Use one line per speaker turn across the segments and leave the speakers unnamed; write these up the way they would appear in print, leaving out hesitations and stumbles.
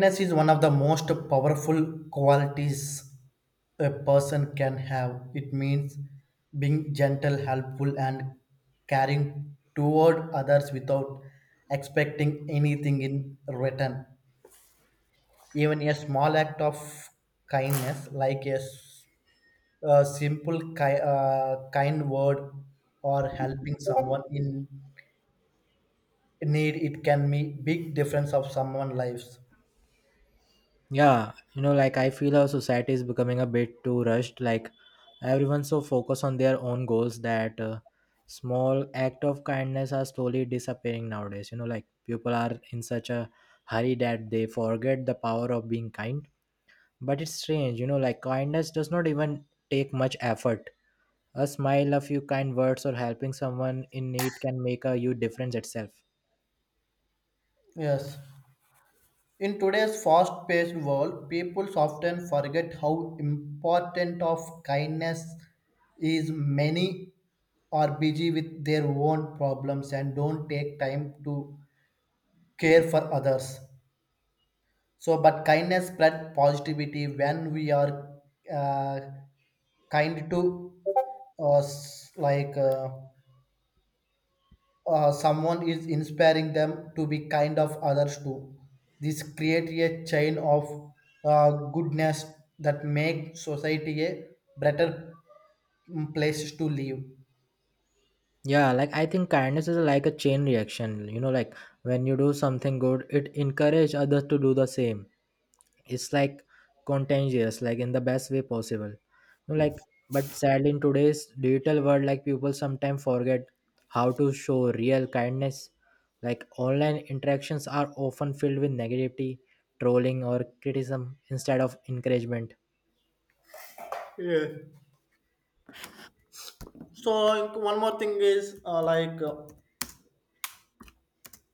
Kindness is one of the most powerful qualities a person can have. It means being gentle, helpful, and caring toward others without expecting anything in return. Even a small act of kindness, like a simple kind word or helping someone in need, it can make big difference of someone's lives.
Yeah, you know, like I feel our society is becoming a bit too rushed. Like everyone's so focused on their own goals that small act of kindness are slowly disappearing nowadays. You know, like people are in such a hurry that they forget the power of being kind. But it's strange, you know, like kindness does not even take much effort. A smile, a few kind words, or helping someone in need can make a huge difference itself.
Yes. In today's fast-paced world, people often forget how important of kindness is. Many are busy with their own problems and don't take time to care for others. So, but kindness spread positivity when we are uh, kind to us, like. Someone is inspiring them to be kind of others too. This create a chain of goodness that make society a better place to live.
Yeah, like I think kindness is like a chain reaction. You know, like when you do something good, it encourage others to do the same. It's like contagious, like in the best way possible. You know, like but sadly in today's digital world, like people sometimes forget how to show real kindness. Like online interactions are often filled with negativity, trolling or criticism instead of encouragement.
Yeah. So like, one more thing is,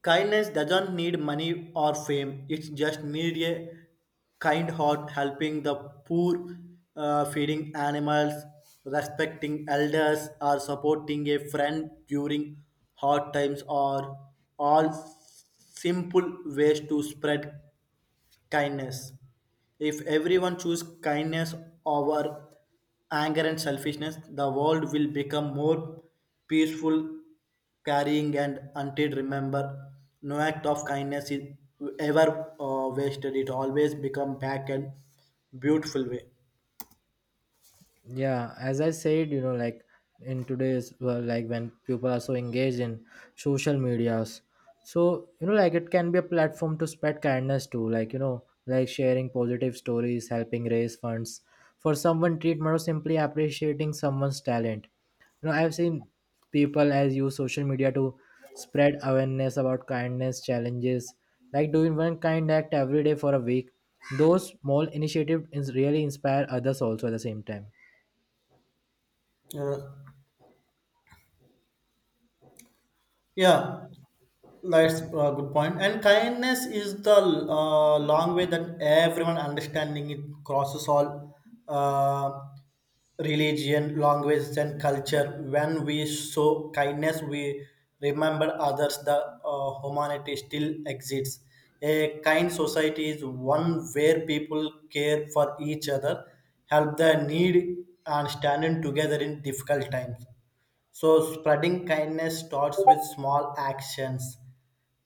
kindness doesn't need money or fame, it just needs a kind heart, helping the poor, feeding animals, respecting elders, or supporting a friend during hard times are all simple ways to spread kindness. If everyone chooses kindness over anger and selfishness, the world will become more peaceful, carrying and until remember, no act of kindness is ever wasted. It always become back and beautiful way.
Yeah, as I said, you know, like in today's well, like when people are so engaged in social medias, so you know, like it can be a platform to spread kindness too, like you know, like sharing positive stories, helping raise funds for someone treatment or simply appreciating someone's talent. You know, I've seen people as use social media to spread awareness about kindness challenges, like doing one kind act every day for a week. Those small initiatives is really inspire others also at the same time.
Uh, Yeah, that's a good point. And kindness is the long way that everyone understanding it crosses all uh, religion, language, and culture. When we show kindness, we remember others. The humanity still exists. A kind society is one where people care for each other, help the need, and stand in together in difficult times. So, spreading kindness starts with small actions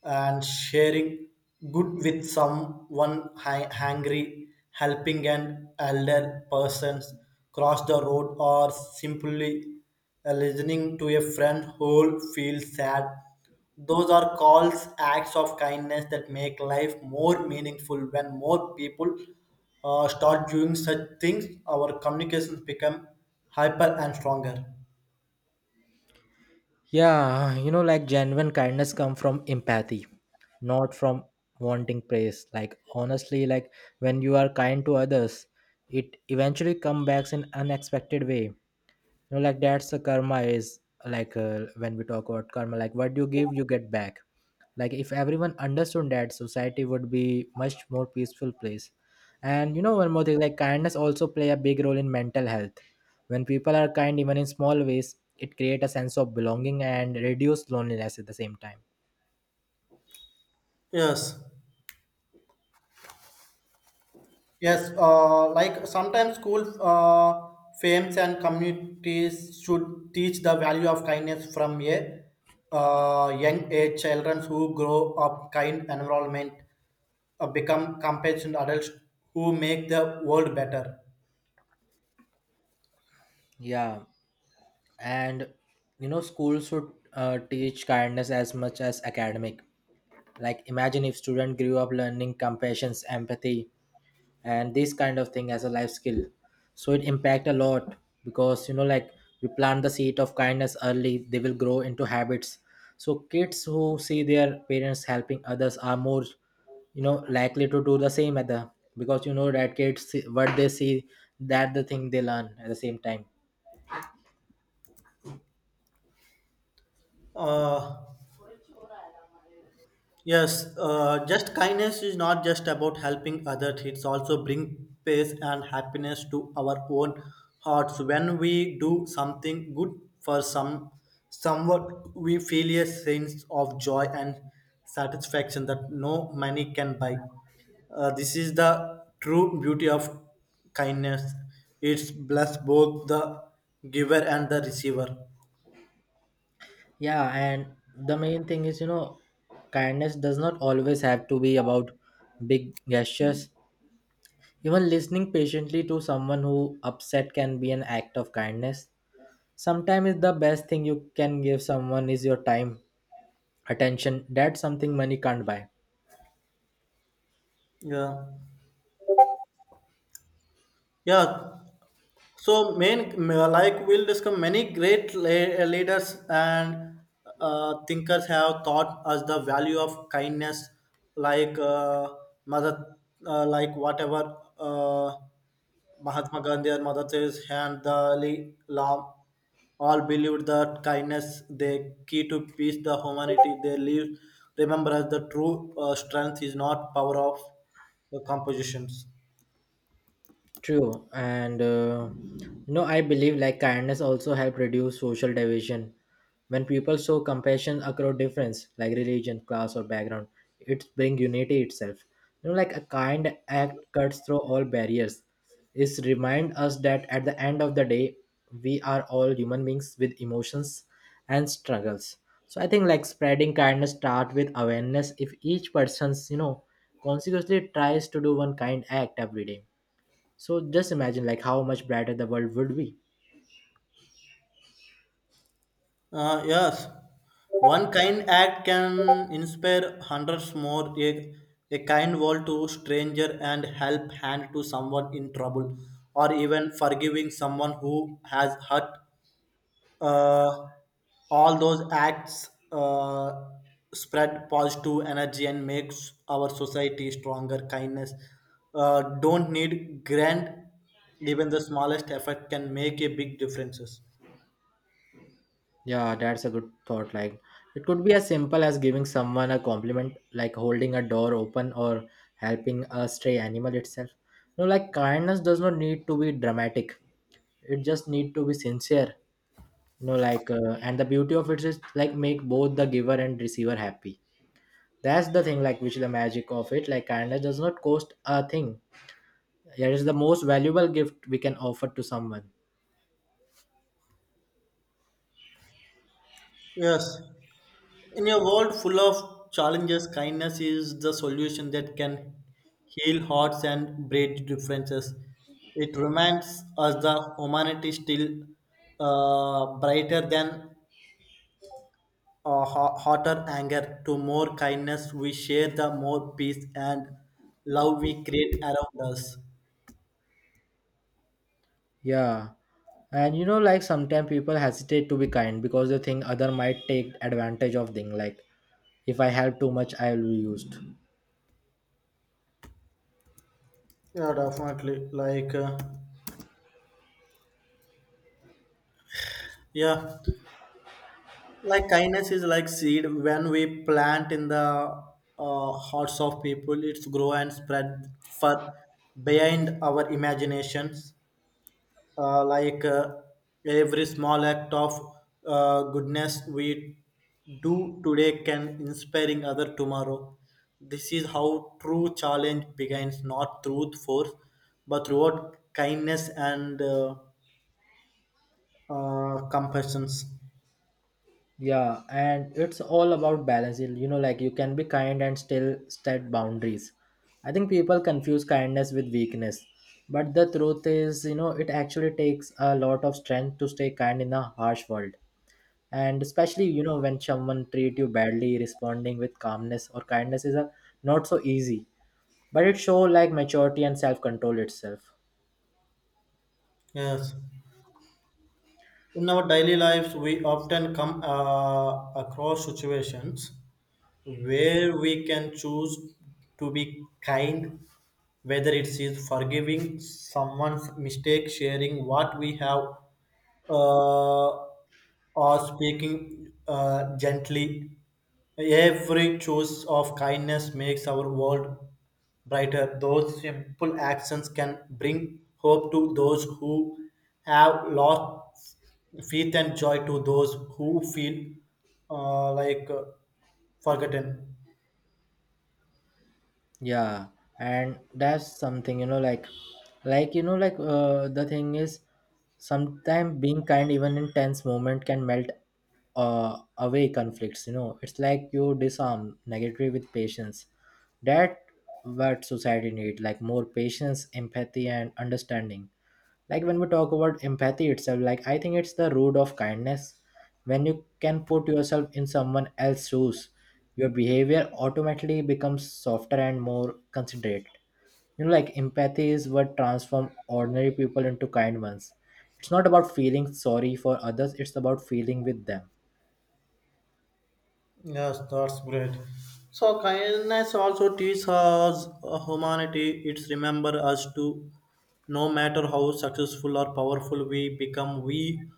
and sharing good with someone hungry, helping an elder person cross the road, or simply listening to a friend who feels sad. Those are calls, acts of kindness that make life more meaningful. When more people start doing such things, our communications become hyper and stronger.
Yeah, you know, like genuine kindness come from empathy, not from wanting praise. Like honestly, like when you are kind to others, it eventually comes back in unexpected way. You know, like that's the karma is like when we talk about karma, like what you give you get back. Like if everyone understood that, society would be much more peaceful place. And you know, one more thing, like kindness also play a big role in mental health. When people are kind even in small ways, it create a sense of belonging and reduce loneliness at the same time.
Yes. Yes, like sometimes school fames and communities should teach the value of kindness from a young age. Children who grow up kind environment become compassionate adults who make the world better.
Yeah, and you know, schools should teach kindness as much as academic. Like imagine if student grew up learning compassion, empathy, and this kind of thing as a life skill. So it impact a lot because you know, like we plant the seed of kindness early, they will grow into habits. So kids who see their parents helping others are more you know likely to do the same at the because you know that kids see, what they see, that the thing they learn at the same time.
Uh, Yes, just kindness is not just about helping others, it's also bring peace and happiness to our own hearts. When we do something good for someone, we feel a sense of joy and satisfaction that no money can buy. This is the true beauty of kindness. It's bless both the giver and the receiver.
Yeah, and the main thing is, you know, kindness does not always have to be about big gestures. Even listening patiently to someone who upset can be an act of kindness. Sometimes the best thing you can give someone is your time, attention. That's something money can't buy.
Yeah. Yeah, so, main like we'll discuss many great leaders and thinkers have taught us the value of kindness, like mother, like whatever Mahatma Gandhi or Mother Teresa and the Ali Lam all believed that kindness the key to peace, the humanity they live. Remember, as the true strength is not power of the compositions.
True, and no, I believe like kindness also help reduce social division. When people show compassion across difference, like religion, class, or background, it bring unity itself. You know, like a kind act cuts through all barriers. It remind us that at the end of the day, we are all human beings with emotions and struggles. So I think like spreading kindness start with awareness. If each person's you know consequently tries to do one kind act every day. So just imagine like how much brighter the world would be.
Yes, one kind act can inspire hundreds more. A kind word to stranger and help hand to someone in trouble, or even forgiving someone who has hurt. Uh, all those acts spread positive energy and makes our society stronger. Kindness don't need grand. Even the smallest effort can make a big differences.
Yeah, that's a good thought. Like it could be as simple as giving someone a compliment, like holding a door open or helping a stray animal itself. No, like kindness does not need to be dramatic. It just need to be sincere. You know, like and the beauty of it is like make both the giver and receiver happy. That's the thing, like which is the magic of it. Like kindness does not cost a thing. It is the most valuable gift we can offer to someone.
Yes. In a world full of challenges, kindness is the solution that can heal hearts and break differences. It reminds us the humanity still brighter than hotter anger. To more kindness we share, the more peace and love we create around us.
Yeah. And you know, like sometimes people hesitate to be kind because they think other might take advantage of thing. Like if I help too much, I'll be used.
Yeah, definitely. Like, yeah. Like kindness is like seed when we plant in the hearts of people it's grow and spread far behind our imaginations, uh, like uh, every small act of goodness we do today can inspiring other tomorrow. This is how true challenge begins, not through force but through kindness and compassion.
Yeah, and it's all about balance. You know, like you can be kind and still set boundaries. I think people confuse kindness with weakness. But the truth is, you know, it actually takes a lot of strength to stay kind in a harsh world. And especially, you know, when someone treat you badly, responding with calmness or kindness is a, not so easy. But it show like maturity and self-control itself.
Yes, in our daily lives we often come across situations where we can choose to be kind, whether it is forgiving someone's mistake, sharing what we have, uh, or speaking gently. Every choice of kindness makes our world brighter. Those simple actions can bring hope to those who have lost faith and joy to those who feel uh, like uh, forgotten.
Yeah, and that's something, you know, like you know like the thing is sometimes being kind even in tense moment can melt away conflicts. You know, it's like you disarm negativity with patience. That what society need, like more patience, empathy and understanding. Like when we talk about empathy itself, like I think it's the root of kindness. When you can put yourself in someone else's shoes, your behavior automatically becomes softer and more considerate. You know, like empathy is what transforms ordinary people into kind ones. It's not about feeling sorry for others, it's about feeling with them.
Yes, that's great. So kindness also teaches us humanity. It's remember us to no matter how successful or powerful we become, we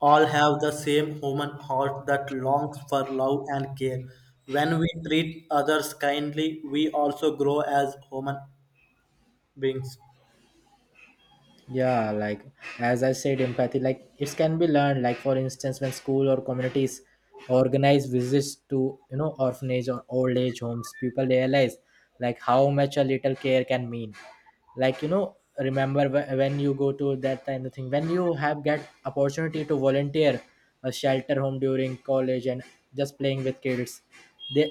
all have the same human heart that longs for love and care. When we treat others kindly, we also grow as human beings.
Yeah, like as I said, empathy, like it can be learned. Like for instance, when school or communities organize visits to you know orphanage or old age homes, people realize like how much a little care can mean. Like you know, remember when you go to that kind of thing, when you have get opportunity to volunteer a shelter home during college, and just playing with kids, they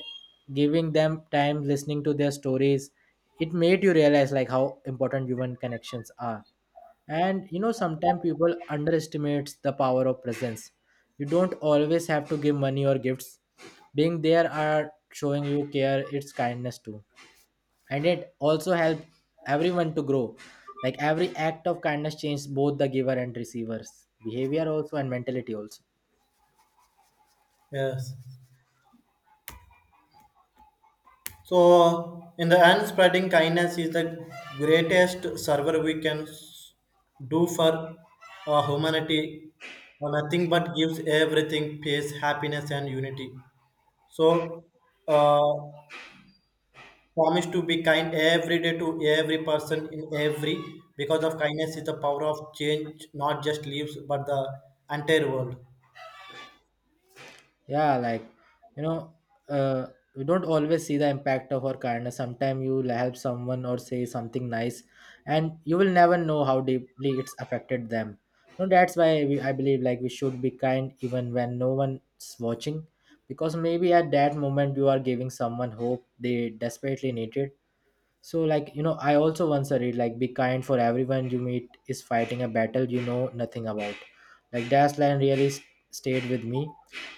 giving them time, listening to their stories, it made you realize like how important human connections are. And you know, sometimes people underestimates the power of presence. You don't always have to give money or gifts. Being there are showing you care, it's kindness too. And it also helps everyone to grow. Like every act of kindness changes both the giver and receivers behavior also and mentality also.
Yes. So, in the end, spreading kindness is the greatest server we can do for humanity. Nothing but gives everything peace, happiness, and unity. So, uh, promise to be kind every day to every person in every because of kindness is the power of change, not just leaves but the entire world.
Yeah, like you know, uh, we don't always see the impact of our kindness. Sometimes you will help someone or say something nice and you will never know how deeply it's affected them. So that's why we, I believe, like we should be kind even when no one's watching, because maybe at that moment you are giving someone hope they desperately needed. So, like, you know, I also once read, like, be kind for everyone you meet is fighting a battle you know nothing about. Like, that line really stayed with me.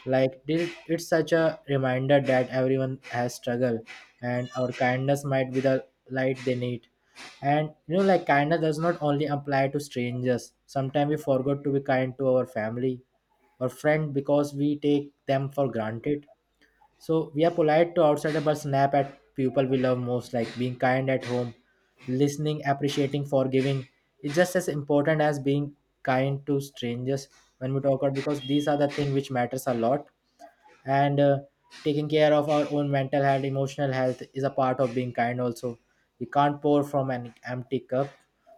Like, this, it's such a reminder that everyone has struggle and our kindness might be the light they need. And, you know, like, kindness does not only apply to strangers. Sometimes we forgot to be kind to our family or friend because we take them for granted. So we are polite to outsiders but snap at people we love most, like being kind at home, listening, appreciating, forgiving. It's just as important as being kind to strangers when we talk out, because these are the things which matters a lot. And taking care of our own mental health, emotional health is a part of being kind also. We can't pour from an empty cup.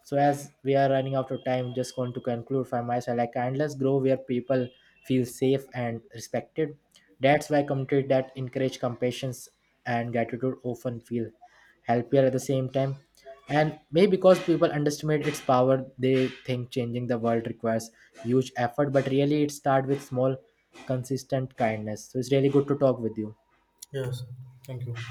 So as we are running out of time, just going to conclude from my side, like kindness grow where people feel safe and respected. That's why community that encourage compassion and gratitude often feel happier at the same time. And maybe because people underestimate its power, they think changing the world requires huge effort, but really it starts with small consistent kindness. So it's really good to talk with you.
Yes, thank you.